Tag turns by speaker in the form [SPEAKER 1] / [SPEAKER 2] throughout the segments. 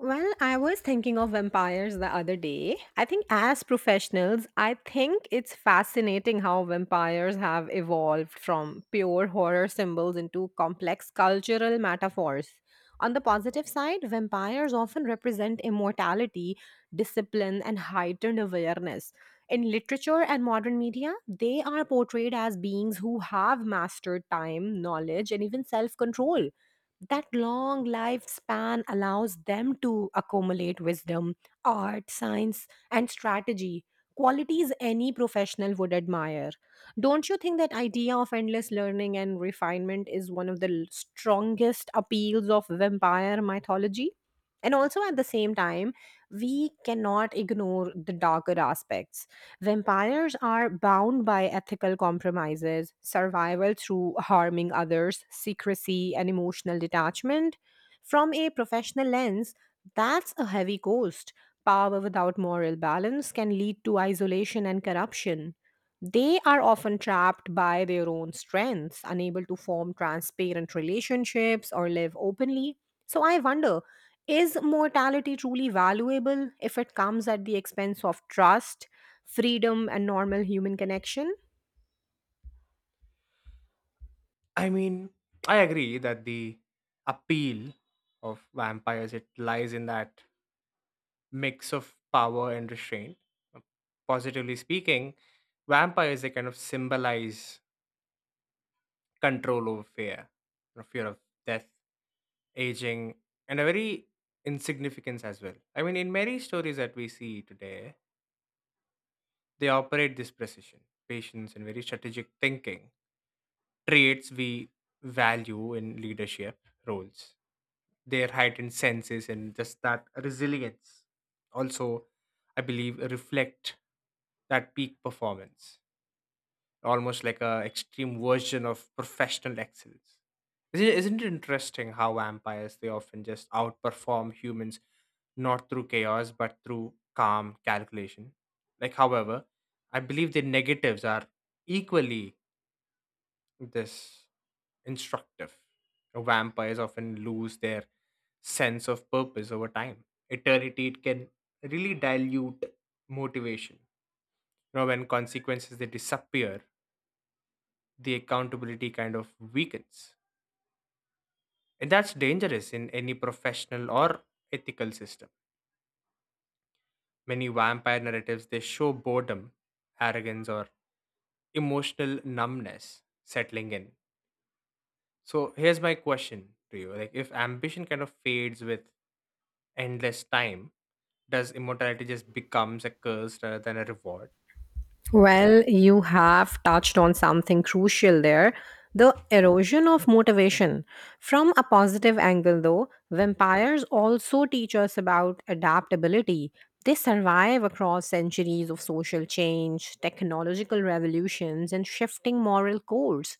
[SPEAKER 1] Well, I was thinking of vampires the other day. I think, as professionals, I think it's fascinating how vampires have evolved from pure horror symbols into complex cultural metaphors. On the positive side, vampires often represent immortality, discipline, and heightened awareness. In literature and modern media, they are portrayed as beings who have mastered time, knowledge, and even self control. That long lifespan allows them to accumulate wisdom, art, science, and strategy, qualities any professional would admire. Don't you think that idea of endless learning and refinement is one of the strongest appeals of vampire mythology? And also at the same time, we cannot ignore the darker aspects. Vampires are bound by ethical compromises, survival through harming others, secrecy, and emotional detachment. From a professional lens, that's a heavy cost. Power without moral balance can lead to isolation and corruption. They are often trapped by their own strengths, unable to form transparent relationships or live openly. So I wonder, is mortality truly valuable if it comes at the expense of trust, freedom and normal human connection?
[SPEAKER 2] I mean, I agree that the appeal of vampires it lies in that mix of power and restraint. Positively speaking, vampires they kind of symbolize control over fear, you know, fear of death, aging, and a very insignificance as well. I mean, in many stories that we see today, they operate this precision, patience, and very strategic thinking traits we value in leadership roles, their heightened senses and just that resilience also I believe reflect that peak performance, almost like a extreme version of professional excellence. Isn't it interesting how vampires they often just outperform humans not through chaos but through calm calculation? Like, however, I believe their negatives are equally this instructive. Vampires often lose their sense of purpose over time. Eternity it can really dilute motivation. You know, when consequences they disappear, the accountability kind of weakens. And that's dangerous in any professional or ethical system. Many vampire narratives they show boredom, arrogance, or emotional numbness settling in. So here's my question to you: like, if ambition kind of fades with endless time, does immortality just becomes a curse rather than a reward?
[SPEAKER 1] Well, you have touched on something crucial there, the erosion of motivation. From a positive angle, though, vampires also teach us about adaptability. They survive across centuries of social change, technological revolutions, and shifting moral codes.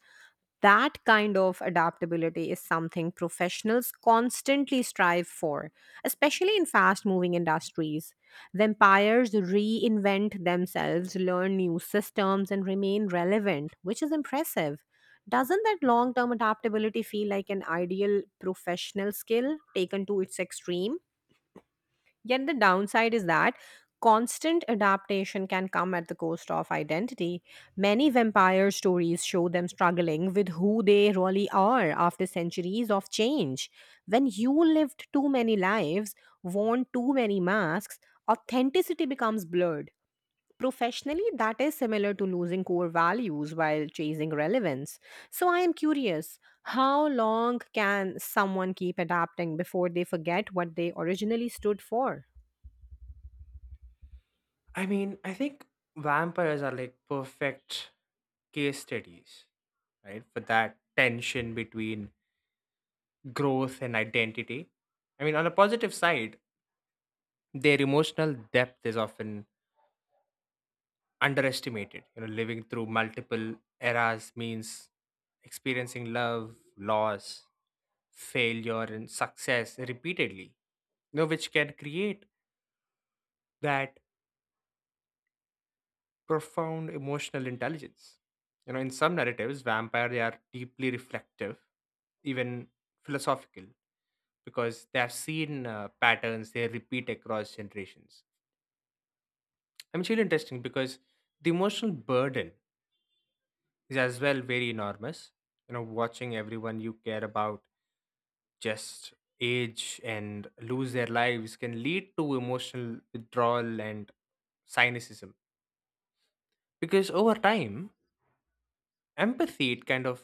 [SPEAKER 1] That kind of adaptability is something professionals constantly strive for, especially in fast moving industries. Vampires reinvent themselves, learn new systems, and remain relevant, which is impressive. Doesn't that long term adaptability feel like an ideal professional skill taken to its extreme? Yet the downside is that constant adaptation can come at the cost of identity. Many vampire stories show them struggling with who they really are after centuries of change. When you lived too many lives, worn too many masks, authenticity becomes blurred. Professionally, that is similar to losing core values while chasing relevance. So, I am curious, how long can someone keep adapting before they forget what they originally stood for?
[SPEAKER 2] I mean, I think vampires are like perfect case studies, right? For that tension between growth and identity. I mean, on a positive side, their emotional depth is often underestimated. You know, living through multiple eras means experiencing love, loss, failure, and success repeatedly, you know, which can create that profound emotional intelligence. You know, in some narratives, vampires they are deeply reflective, even philosophical, because they have seen patterns they repeat across generations. I mean, it's really interesting because the emotional burden is as well very enormous. You know, watching everyone you care about just age and lose their lives can lead to emotional withdrawal and cynicism, because over time empathy it kind of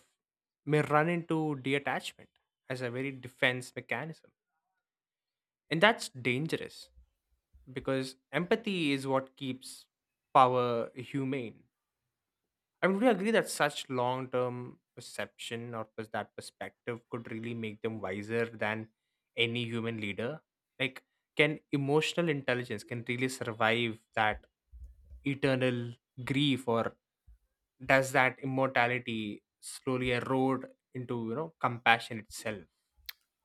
[SPEAKER 2] may run into detachment as a very defense mechanism. And that's dangerous because empathy is what keeps power humane. I mean, would you agree that such long-term perception or pers- that perspective could really make them wiser than any human leader? Like, can emotional intelligence can really survive that eternal grief, or does that immortality slowly erode into, you know, compassion itself?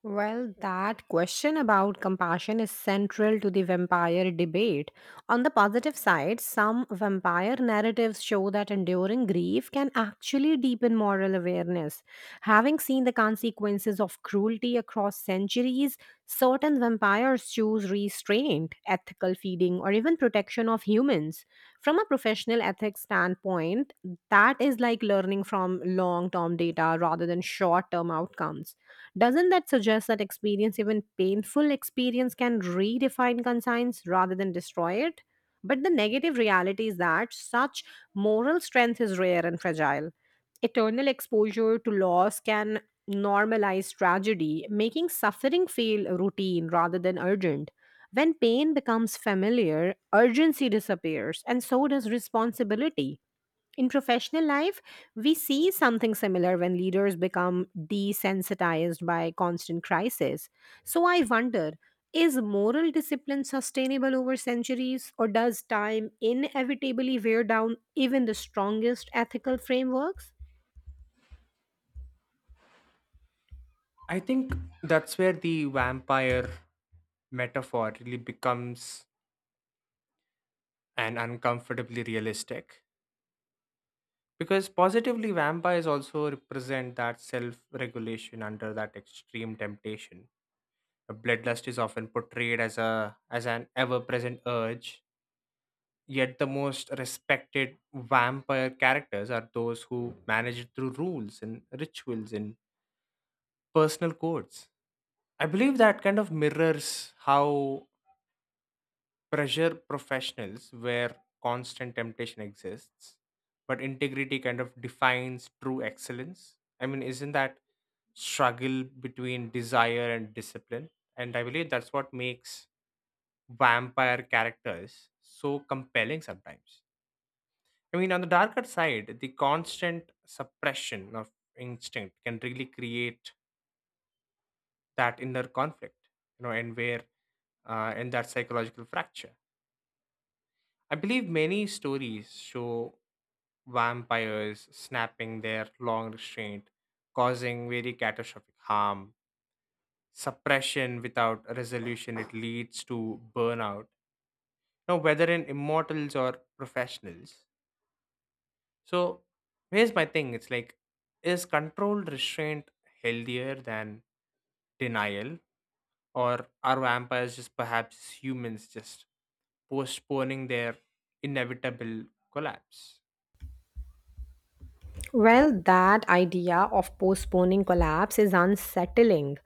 [SPEAKER 1] Well, that question about compassion is central to the vampire debate. On the positive side, some vampire narratives show that enduring grief can actually deepen moral awareness. Having seen the consequences of cruelty across centuries, certain vampires choose restraint, ethical feeding, or even protection of humans. From a professional ethics standpoint, that is like learning from long term data rather than short term outcomes. Doesn't that suggest that experience, even painful experience, can redefine conscience rather than destroy it? But the negative reality is that such moral strength is rare and fragile. Eternal exposure to loss can normalize tragedy, making suffering feel routine rather than urgent. When pain becomes familiar, urgency disappears, and so does responsibility. In professional life, we see something similar when leaders become desensitized by constant crisis. So I wonder, is moral discipline sustainable over centuries, or does time inevitably wear down even the strongest ethical frameworks?
[SPEAKER 2] I think that's where the vampire metaphor really becomes an uncomfortably realistic, because positively vampires also represent that self regulation under that extreme temptation. A bloodlust is often portrayed as a as an ever present urge, yet the most respected vampire characters are those who manage it through rules and rituals and personal quotes. I believe that kind of mirrors how pressure professionals, where constant temptation exists, but integrity kind of defines true excellence. I mean, isn't that struggle between desire and discipline? And I believe that's what makes vampire characters so compelling sometimes. I mean, on the darker side, the constant suppression of instinct can really create that inner conflict, you know, and that psychological fracture, I believe many stories show vampires snapping their long restraint, causing very catastrophic harm. Suppression without resolution it leads to burnout, now whether in immortals or professionals. So here's my thing, it's like, is controlled restraint healthier than denial, or are vampires just perhaps humans just postponing their inevitable collapse?
[SPEAKER 1] Well, that idea of postponing collapse is unsettling,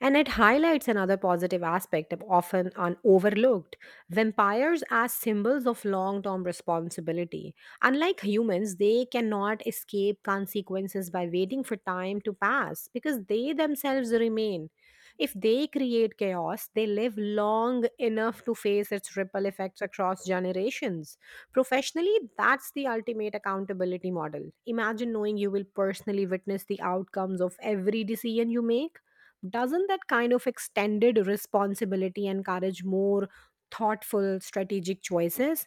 [SPEAKER 1] and it highlights another positive aspect of often overlooked: vampires as symbols of long term responsibility. Unlike humans, they cannot escape consequences by waiting for time to pass because they themselves remain. If they create chaos, they live long enough to face its ripple effects across generations. Professionally, that's the ultimate accountability model. Imagine knowing you will personally witness the outcomes of every decision you make. Doesn't that kind of extended responsibility encourage more thoughtful strategic choices?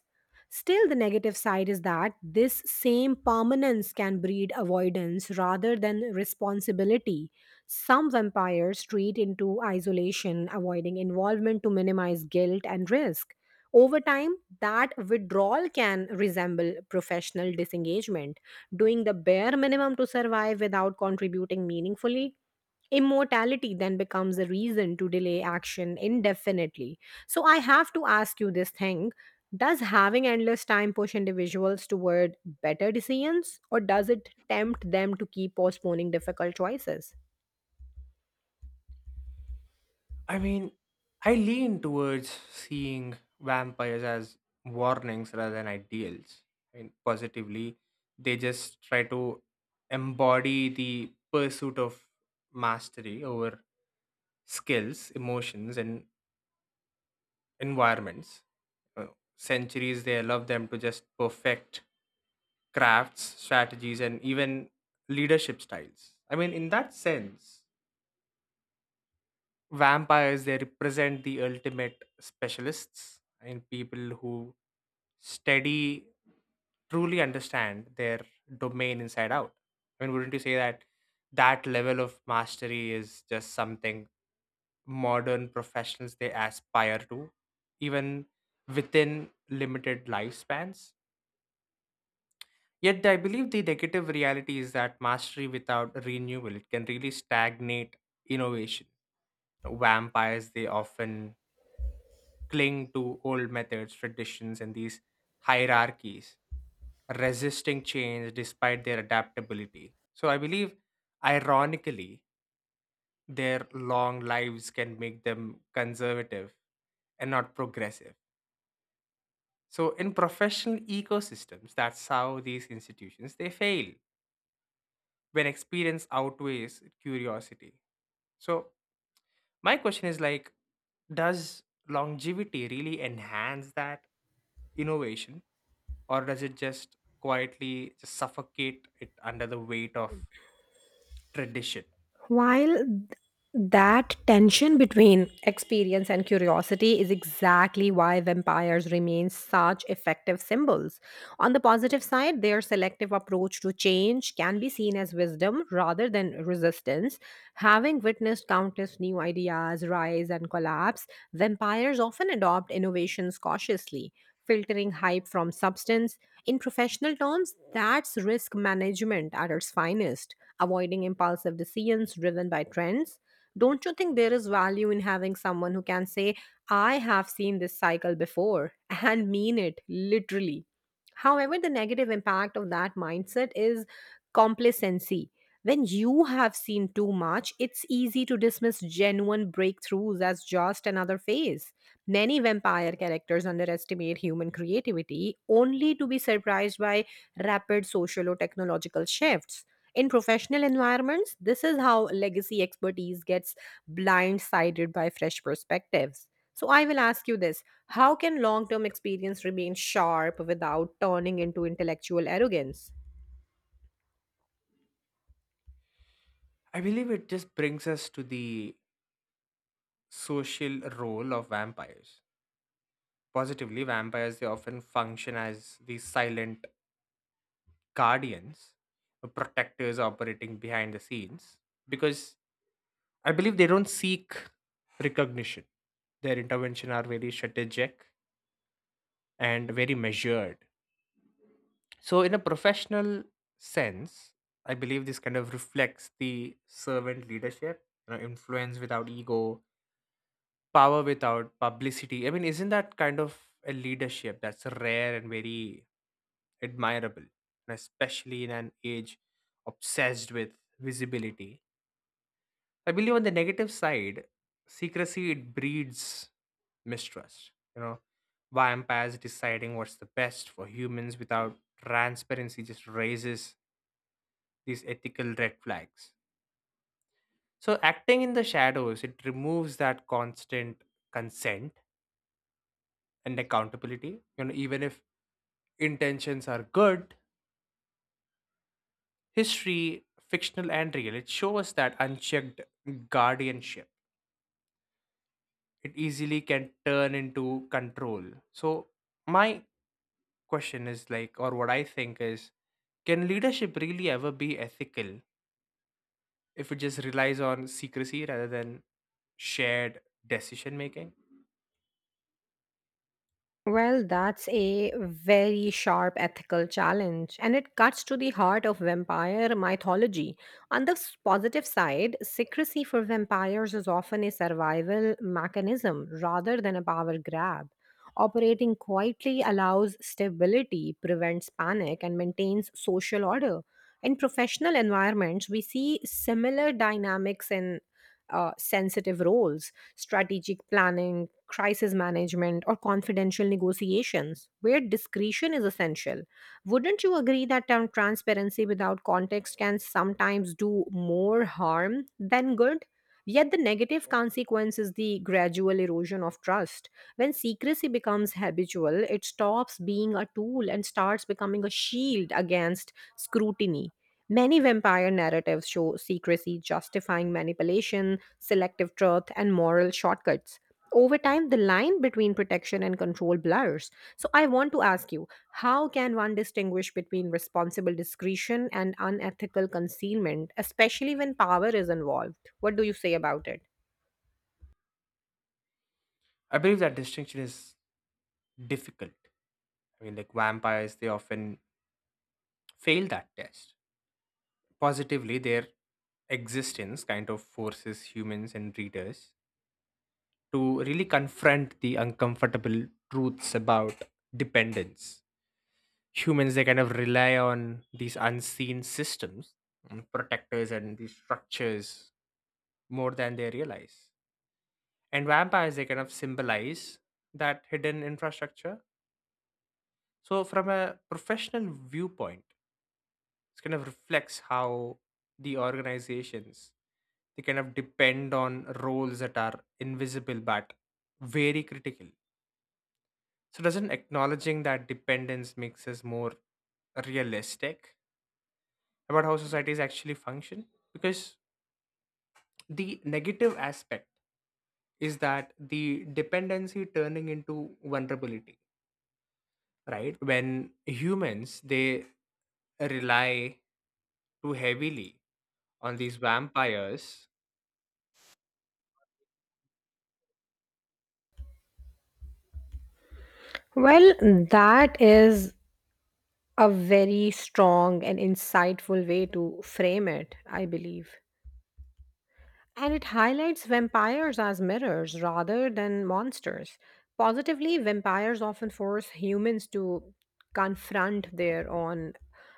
[SPEAKER 1] Still, the negative side is that this same permanence can breed avoidance rather than responsibility. Some vampires retreat into isolation, avoiding involvement to minimize guilt and risk. Over time, that withdrawal can resemble professional disengagement, doing the bare minimum to survive without contributing meaningfully. Immortality then becomes a reason to delay action indefinitely. So, I have to ask you this thing: does having endless time push individuals toward better decisions, or does it tempt them to keep postponing difficult choices?
[SPEAKER 2] I mean, I lean towards seeing vampires as warnings rather than ideals. I mean, positively, they just try to embody the pursuit of mastery over skills, emotions, and environments. Uh, Centuries, they allow them to just perfect crafts, strategies, and even leadership styles. I mean, in that sense, vampires they represent the ultimate specialists and people who study truly understand their domain inside out. I mean, wouldn't you say that that level of mastery is just something modern professionals they aspire to, even within limited lifespans? Yet I believe the negative reality is that mastery without renewal it can really stagnate innovation. Vampires they often cling to old methods, traditions, and these hierarchies, resisting change despite their adaptability. So I believe, ironically, their long lives can make them conservative and not progressive. So in professional ecosystems, that's how these institutions they fail when experience outweighs curiosity. So my question is like, does longevity really enhance that innovation, or does it just quietly just suffocate it under the weight of tradition?
[SPEAKER 1] While that tension between experience and curiosity is exactly why vampires remain such effective symbols. On the positive side, their selective approach to change can be seen as wisdom rather than resistance. Having witnessed countless new ideas rise and collapse, vampires often adopt innovations cautiously, filtering hype from substance. In professional terms, that's risk management at its finest, avoiding impulsive decisions driven by trends. Don't you think there is value in having someone who can say, I have seen this cycle before and mean it literally? However, the negative impact of that mindset is complacency. When you have seen too much, it's easy to dismiss genuine breakthroughs as just another phase. Many vampire characters underestimate human creativity only to be surprised by rapid social or technological shifts. In professional environments, this is how legacy expertise gets blindsided by fresh perspectives. So, I will ask you this: how can long term experience remain sharp without turning into intellectual arrogance?
[SPEAKER 2] I believe it just brings us to the social role of vampires. Positively, vampires they often function as these silent guardians, the protectors operating behind the scenes, because I believe they don't seek recognition. Their intervention are very strategic and very measured. So, in a professional sense, I believe this kind of reflects the servant leadership, you know, influence without ego, power without publicity. I mean, isn't that kind of a leadership that's rare and very admirable, and especially in an age obsessed with visibility? I believe on the negative side, secrecy it breeds mistrust. You know, vampires deciding what's the best for humans without transparency just raises these ethical red flags. So acting in the shadows, it removes that constant consent and accountability. You know, even if intentions are good, history, fictional and real, it shows that unchecked guardianship, it easily can turn into control. So my question is like, or what I think is, can leadership really ever be ethical if it just relies on secrecy rather than shared decision making?
[SPEAKER 1] Well, that's a very sharp ethical challenge, and it cuts to the heart of vampire mythology. On the positive side, secrecy for vampires is often a survival mechanism rather than a power grab. Operating quietly allows stability, prevents panic, and maintains social order. In professional environments, we see similar dynamics in sensitive roles: strategic planning, crisis management, or confidential negotiations, where discretion is essential. Wouldn't you agree that transparency without context can sometimes do more harm than good? Yet the negative consequence is the gradual erosion of trust. When secrecy becomes habitual, it stops being a tool and starts becoming a shield against scrutiny. Many vampire narratives show secrecy justifying manipulation, selective truth, and moral shortcuts. Over time, the line between protection and control blurs. So, I want to ask you, how can one distinguish between responsible discretion and unethical concealment, especially when power is involved? What do you say about it?
[SPEAKER 2] I believe that distinction is difficult. I mean, like vampires, they often fail that test. Positively, their existence kind of forces humans and readers to really confront the uncomfortable truths about dependence. Humans, they kind of rely on these unseen systems, and protectors, and these structures more than they realize. And vampires, they kind of symbolize that hidden infrastructure. So, from a professional viewpoint, it kind of reflects how the organizations they kind of depend on roles that are invisible but very critical. So doesn't acknowledging that dependence makes us more realistic about how societies actually function? Because the negative aspect is that the dependency turning into vulnerability, right? When humans they rely too heavily on these vampires.
[SPEAKER 1] Well, that is a very strong and insightful way to frame it, I believe. And it highlights vampires as mirrors rather than monsters. Positively, vampires often force humans to confront their own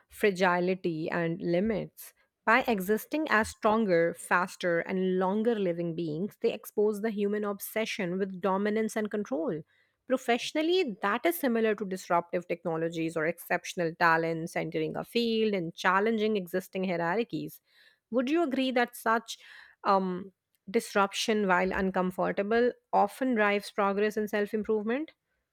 [SPEAKER 1] fragility and limits. By existing as stronger, faster, and longer living beings, they expose the human obsession with dominance and control. Professionally, that is similar to disruptive technologies or exceptional talents entering a field and challenging existing hierarchies. Would you agree that such um, disruption, while uncomfortable, often drives progress and self improvement?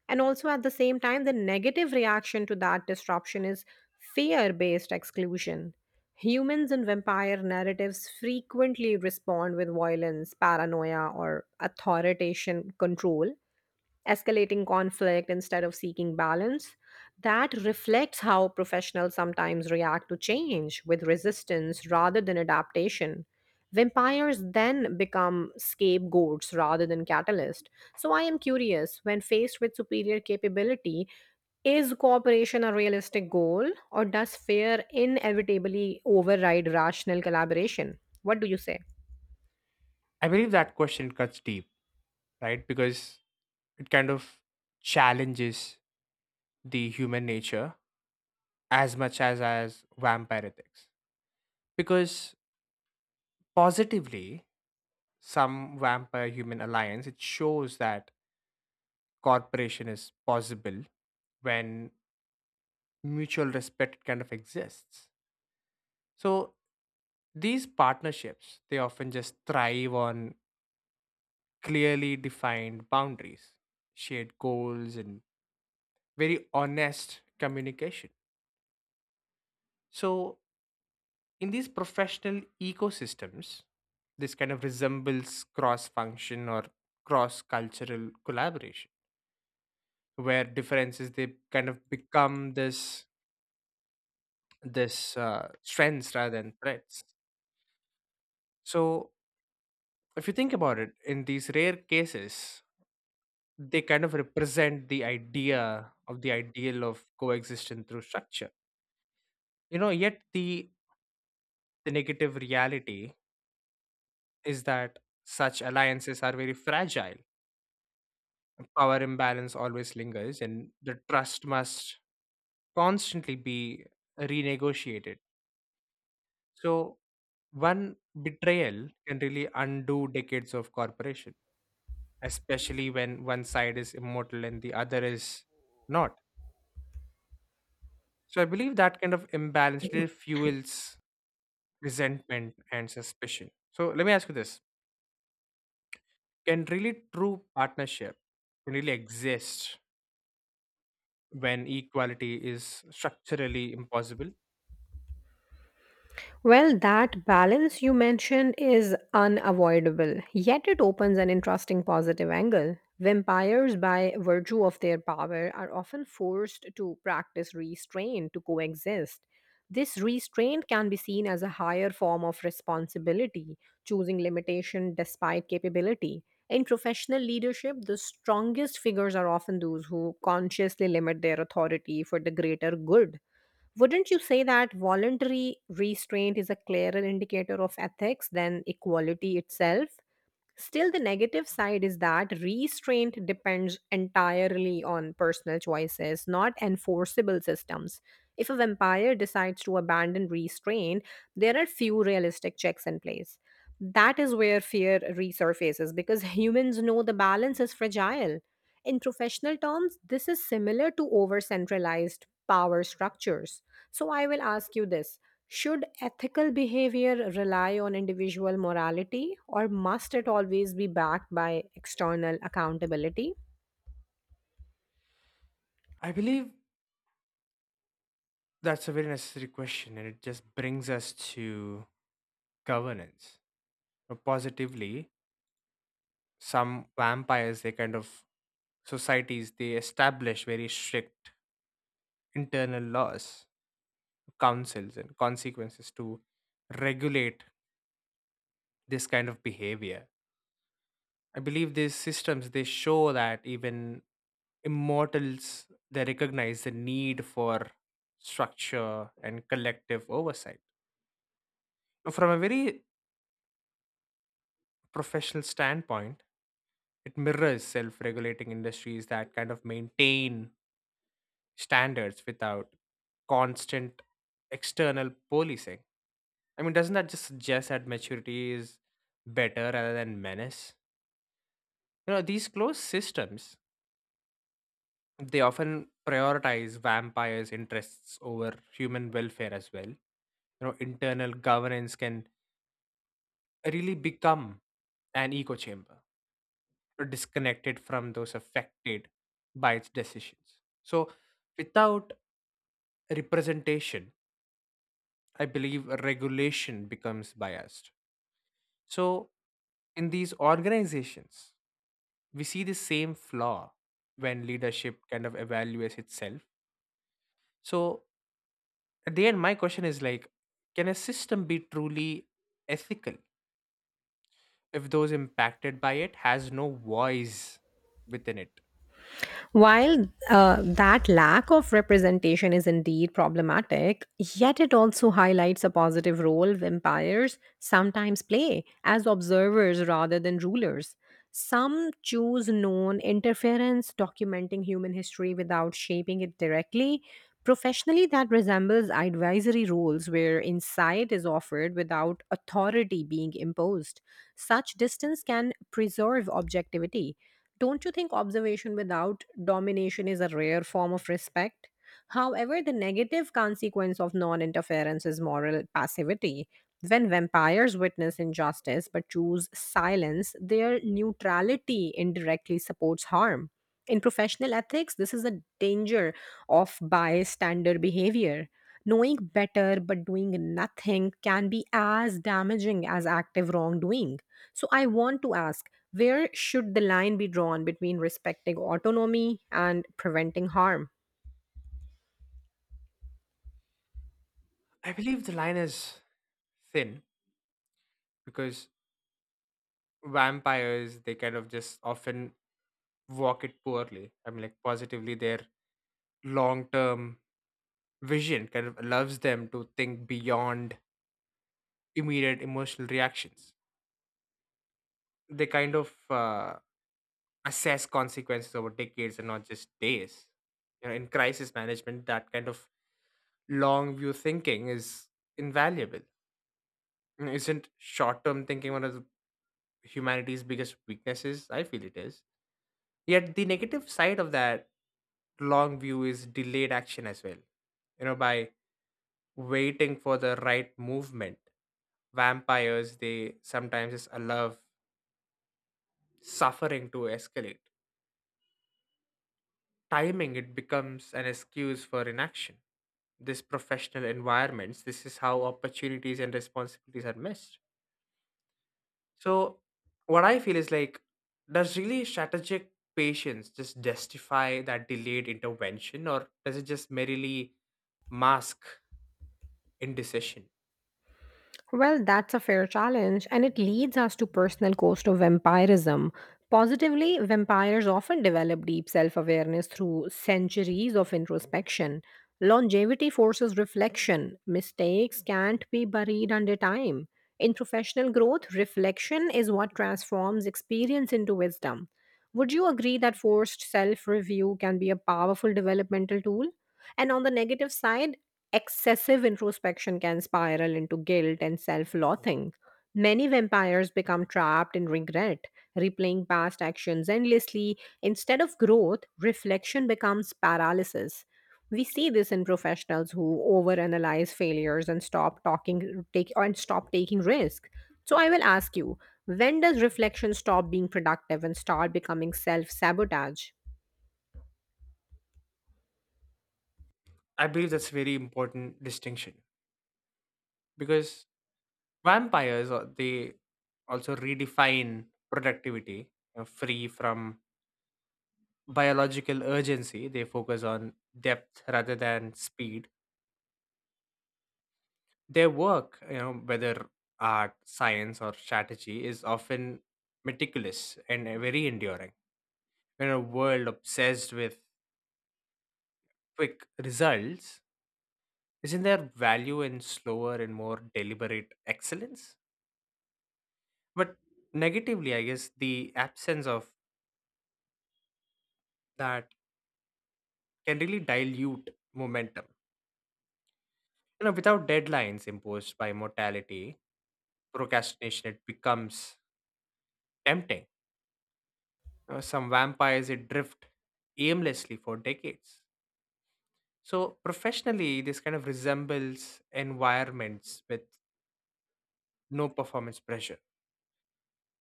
[SPEAKER 1] And also, at the same time, the negative reaction to that disruption is fear based exclusion. Humans in vampire narratives frequently respond with violence, paranoia, or authoritarian control, escalating conflict instead of seeking balance. That reflects how professionals sometimes react to change with resistance rather than adaptation. Vampires then become scapegoats rather than catalysts. So I am curious, when faced with superior capability, is cooperation a realistic goal, or does fear inevitably override rational collaboration? What do you say?
[SPEAKER 2] I believe that question cuts deep, right? Because it kind of challenges the human nature as much as vampire ethics. Because positively, some vampire human alliance it shows that cooperation is possible when mutual respect kind of exists. So these partnerships they often just thrive on clearly defined boundaries, shared goals, and very honest communication. So, in these professional ecosystems, this kind of resembles cross function or cross cultural collaboration, where differences they kind of become this strengths rather than threats. So, if you think about it, in these rare cases, they kind of represent the idea of the ideal of coexistence through structure. You know, yet the negative reality is that such alliances are very fragile. Power imbalance always lingers, and the trust must constantly be renegotiated. So, one betrayal can really undo decades of cooperation, especially when one side is immortal and the other is not. So, I believe that kind of imbalance really fuels resentment and suspicion. So, let me ask you this: can really true partnership really exist when equality is structurally impossible?
[SPEAKER 1] Well, that balance you mentioned is unavoidable, yet it opens an interesting positive angle. Vampires, by virtue of their power, are often forced to practice restraint to coexist. This restraint can be seen as a higher form of responsibility, choosing limitation despite capability. In professional leadership, the strongest figures are often those who consciously limit their authority for the greater good. Wouldn't you say that voluntary restraint is a clearer indicator of ethics than equality itself? Still, the negative side is that restraint depends entirely on personal choices, not enforceable systems. If a vampire decides to abandon restraint, there are few realistic checks in place. That is where fear resurfaces because humans know the balance is fragile. In professional terms, this is similar to over centralized power structures. So, I will ask you this: should ethical behavior rely on individual morality, or must it always be backed by external accountability?
[SPEAKER 2] I believe that's a very necessary question, and it just brings us to governance. Now, positively, some vampires, they kind of societies, they establish very strict internal laws, councils, and consequences to regulate this kind of behavior. I believe these systems they show that even immortals they recognize the need for structure and collective oversight. Now, from a very professional standpoint, it mirrors self regulating industries that kind of maintain standards without constant external policing. I mean, doesn't that just suggest that maturity is better rather than menace? You know, these closed systems, they often prioritize vampires' interests over human welfare as well. You know, internal governance can really become an echo chamber, or disconnected from those affected by its decisions. So, without representation, I believe regulation becomes biased. So, in these organizations, we see the same flaw when leadership kind of evaluates itself. So, at the end, my question is like, can a system be truly ethical if those impacted by it has no voice within it?
[SPEAKER 1] While that lack of representation is indeed problematic, yet it also highlights a positive role vampires sometimes play as observers rather than rulers. Some choose known interference, documenting human history without shaping it directly. Professionally, that resembles advisory roles where insight is offered without authority being imposed. Such distance can preserve objectivity. Don't you think observation without domination is a rare form of respect? However, the negative consequence of non interference is moral passivity. When vampires witness injustice but choose silence, their neutrality indirectly supports harm. In professional ethics, this is a danger of bystander behavior. Knowing better but doing nothing can be as damaging as active wrongdoing. So I want to ask, where should the line be drawn between respecting autonomy and preventing harm?
[SPEAKER 2] I believe the line is thin, because vampires they kind of just often walk it poorly. I mean, like, positively their long term vision kind of allows them to think beyond immediate emotional reactions. They kind of assess consequences over decades and not just days. You know, in crisis management that kind of long view thinking is invaluable. Mm, isn't short term thinking one of the humanity's biggest weaknesses? I feel it is. Yet the negative side of that long view is delayed action as well. You know, by waiting for the right movement, vampires they sometimes just allow suffering to escalate. Timing it becomes an excuse for inaction. This professional environments, this is how opportunities and responsibilities are missed. So what I feel is like, does really strategic patience just justify that delayed intervention, or does it just merely mask indecision?
[SPEAKER 1] Well, that's a fair challenge, and it leads us to personal cost of vampirism. Positively, vampires often develop deep self awareness through centuries of introspection. Longevity forces reflection. Mistakes can't be buried under time. In professional growth, reflection is what transforms experience into wisdom. Would you agree that forced self review can be a powerful developmental tool? And on the negative side, excessive introspection can spiral into guilt and self loathing. Many vampires become trapped in regret, replaying past actions endlessly. Instead of growth, reflection becomes paralysis. We see this in professionals who overanalyze failures and stop talking take and stop taking risk. So I will ask you, when does reflection stop being productive and start becoming self-sabotage?
[SPEAKER 2] I believe that's a very important distinction, because vampires they also redefine productivity, free from biological urgency. They focus on depth rather than speed. Their work, you know, whether art, science, or strategy, is often meticulous and very enduring. In a world obsessed with quick results, isn't there value in slower and more deliberate excellence? But negatively, I guess the absence of that can really dilute momentum. You know, without deadlines imposed by mortality, procrastination it becomes tempting. You know, some vampires it drift aimlessly for decades. So professionally, this kind of resembles environments with no performance pressure.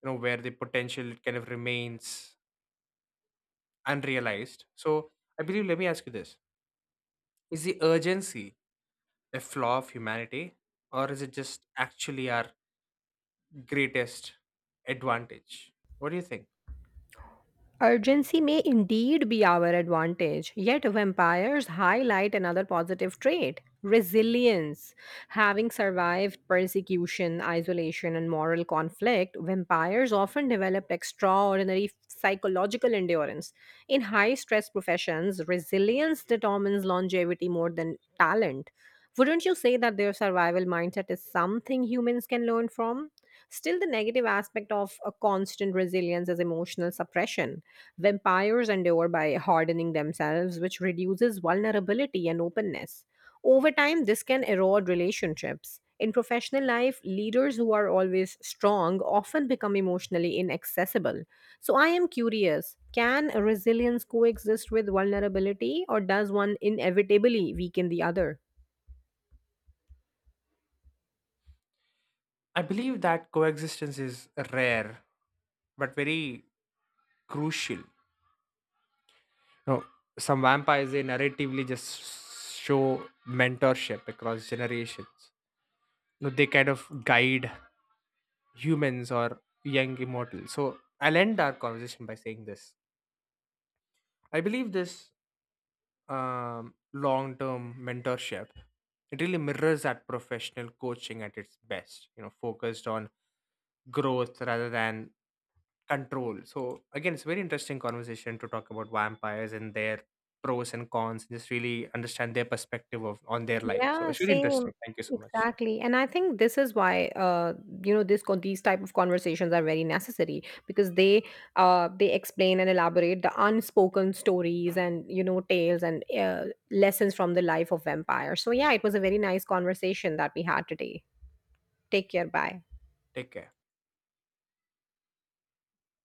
[SPEAKER 2] You know, where the potential kind of remains unrealized. So I believe, let me ask you this: is the urgency a flaw of humanity, or is it just actually our greatest advantage? What do you think?
[SPEAKER 1] Urgency may indeed be our advantage, yet vampires highlight another positive trait: resilience. Having survived persecution, isolation, and moral conflict, vampires often develop extraordinary psychological endurance. In high stress professions, resilience determines longevity more than talent. Wouldn't you say that their survival mindset is something humans can learn from? Still, the negative aspect of a constant resilience is emotional suppression. Vampires endure by hardening themselves, which reduces vulnerability and openness. Over time, this can erode relationships. In professional life, leaders who are always strong often become emotionally inaccessible. So, I am curious, can resilience coexist with vulnerability, or does one inevitably weaken the other?
[SPEAKER 2] I believe that coexistence is rare but very crucial. No, some vampires they narratively just show mentorship across generations. No, they kind of guide humans or young immortals. So I'll end our conversation by saying this. I believe this long term mentorship, it really mirrors that professional coaching at its best, you know, focused on growth rather than control. So, again, it's a very interesting conversation to talk about vampires and their pros and cons, and just really understand their perspective of on their life. So,
[SPEAKER 1] Yeah,
[SPEAKER 2] it's really
[SPEAKER 1] same.
[SPEAKER 2] interesting. Thank you so much.
[SPEAKER 1] Exactly. And I think this is why you know, this these type of conversations are very necessary, because they explain and elaborate the unspoken stories and you know tales and lessons from the life of vampires. So yeah, it was a very nice conversation that we had today. Take care. Bye.
[SPEAKER 2] Take care.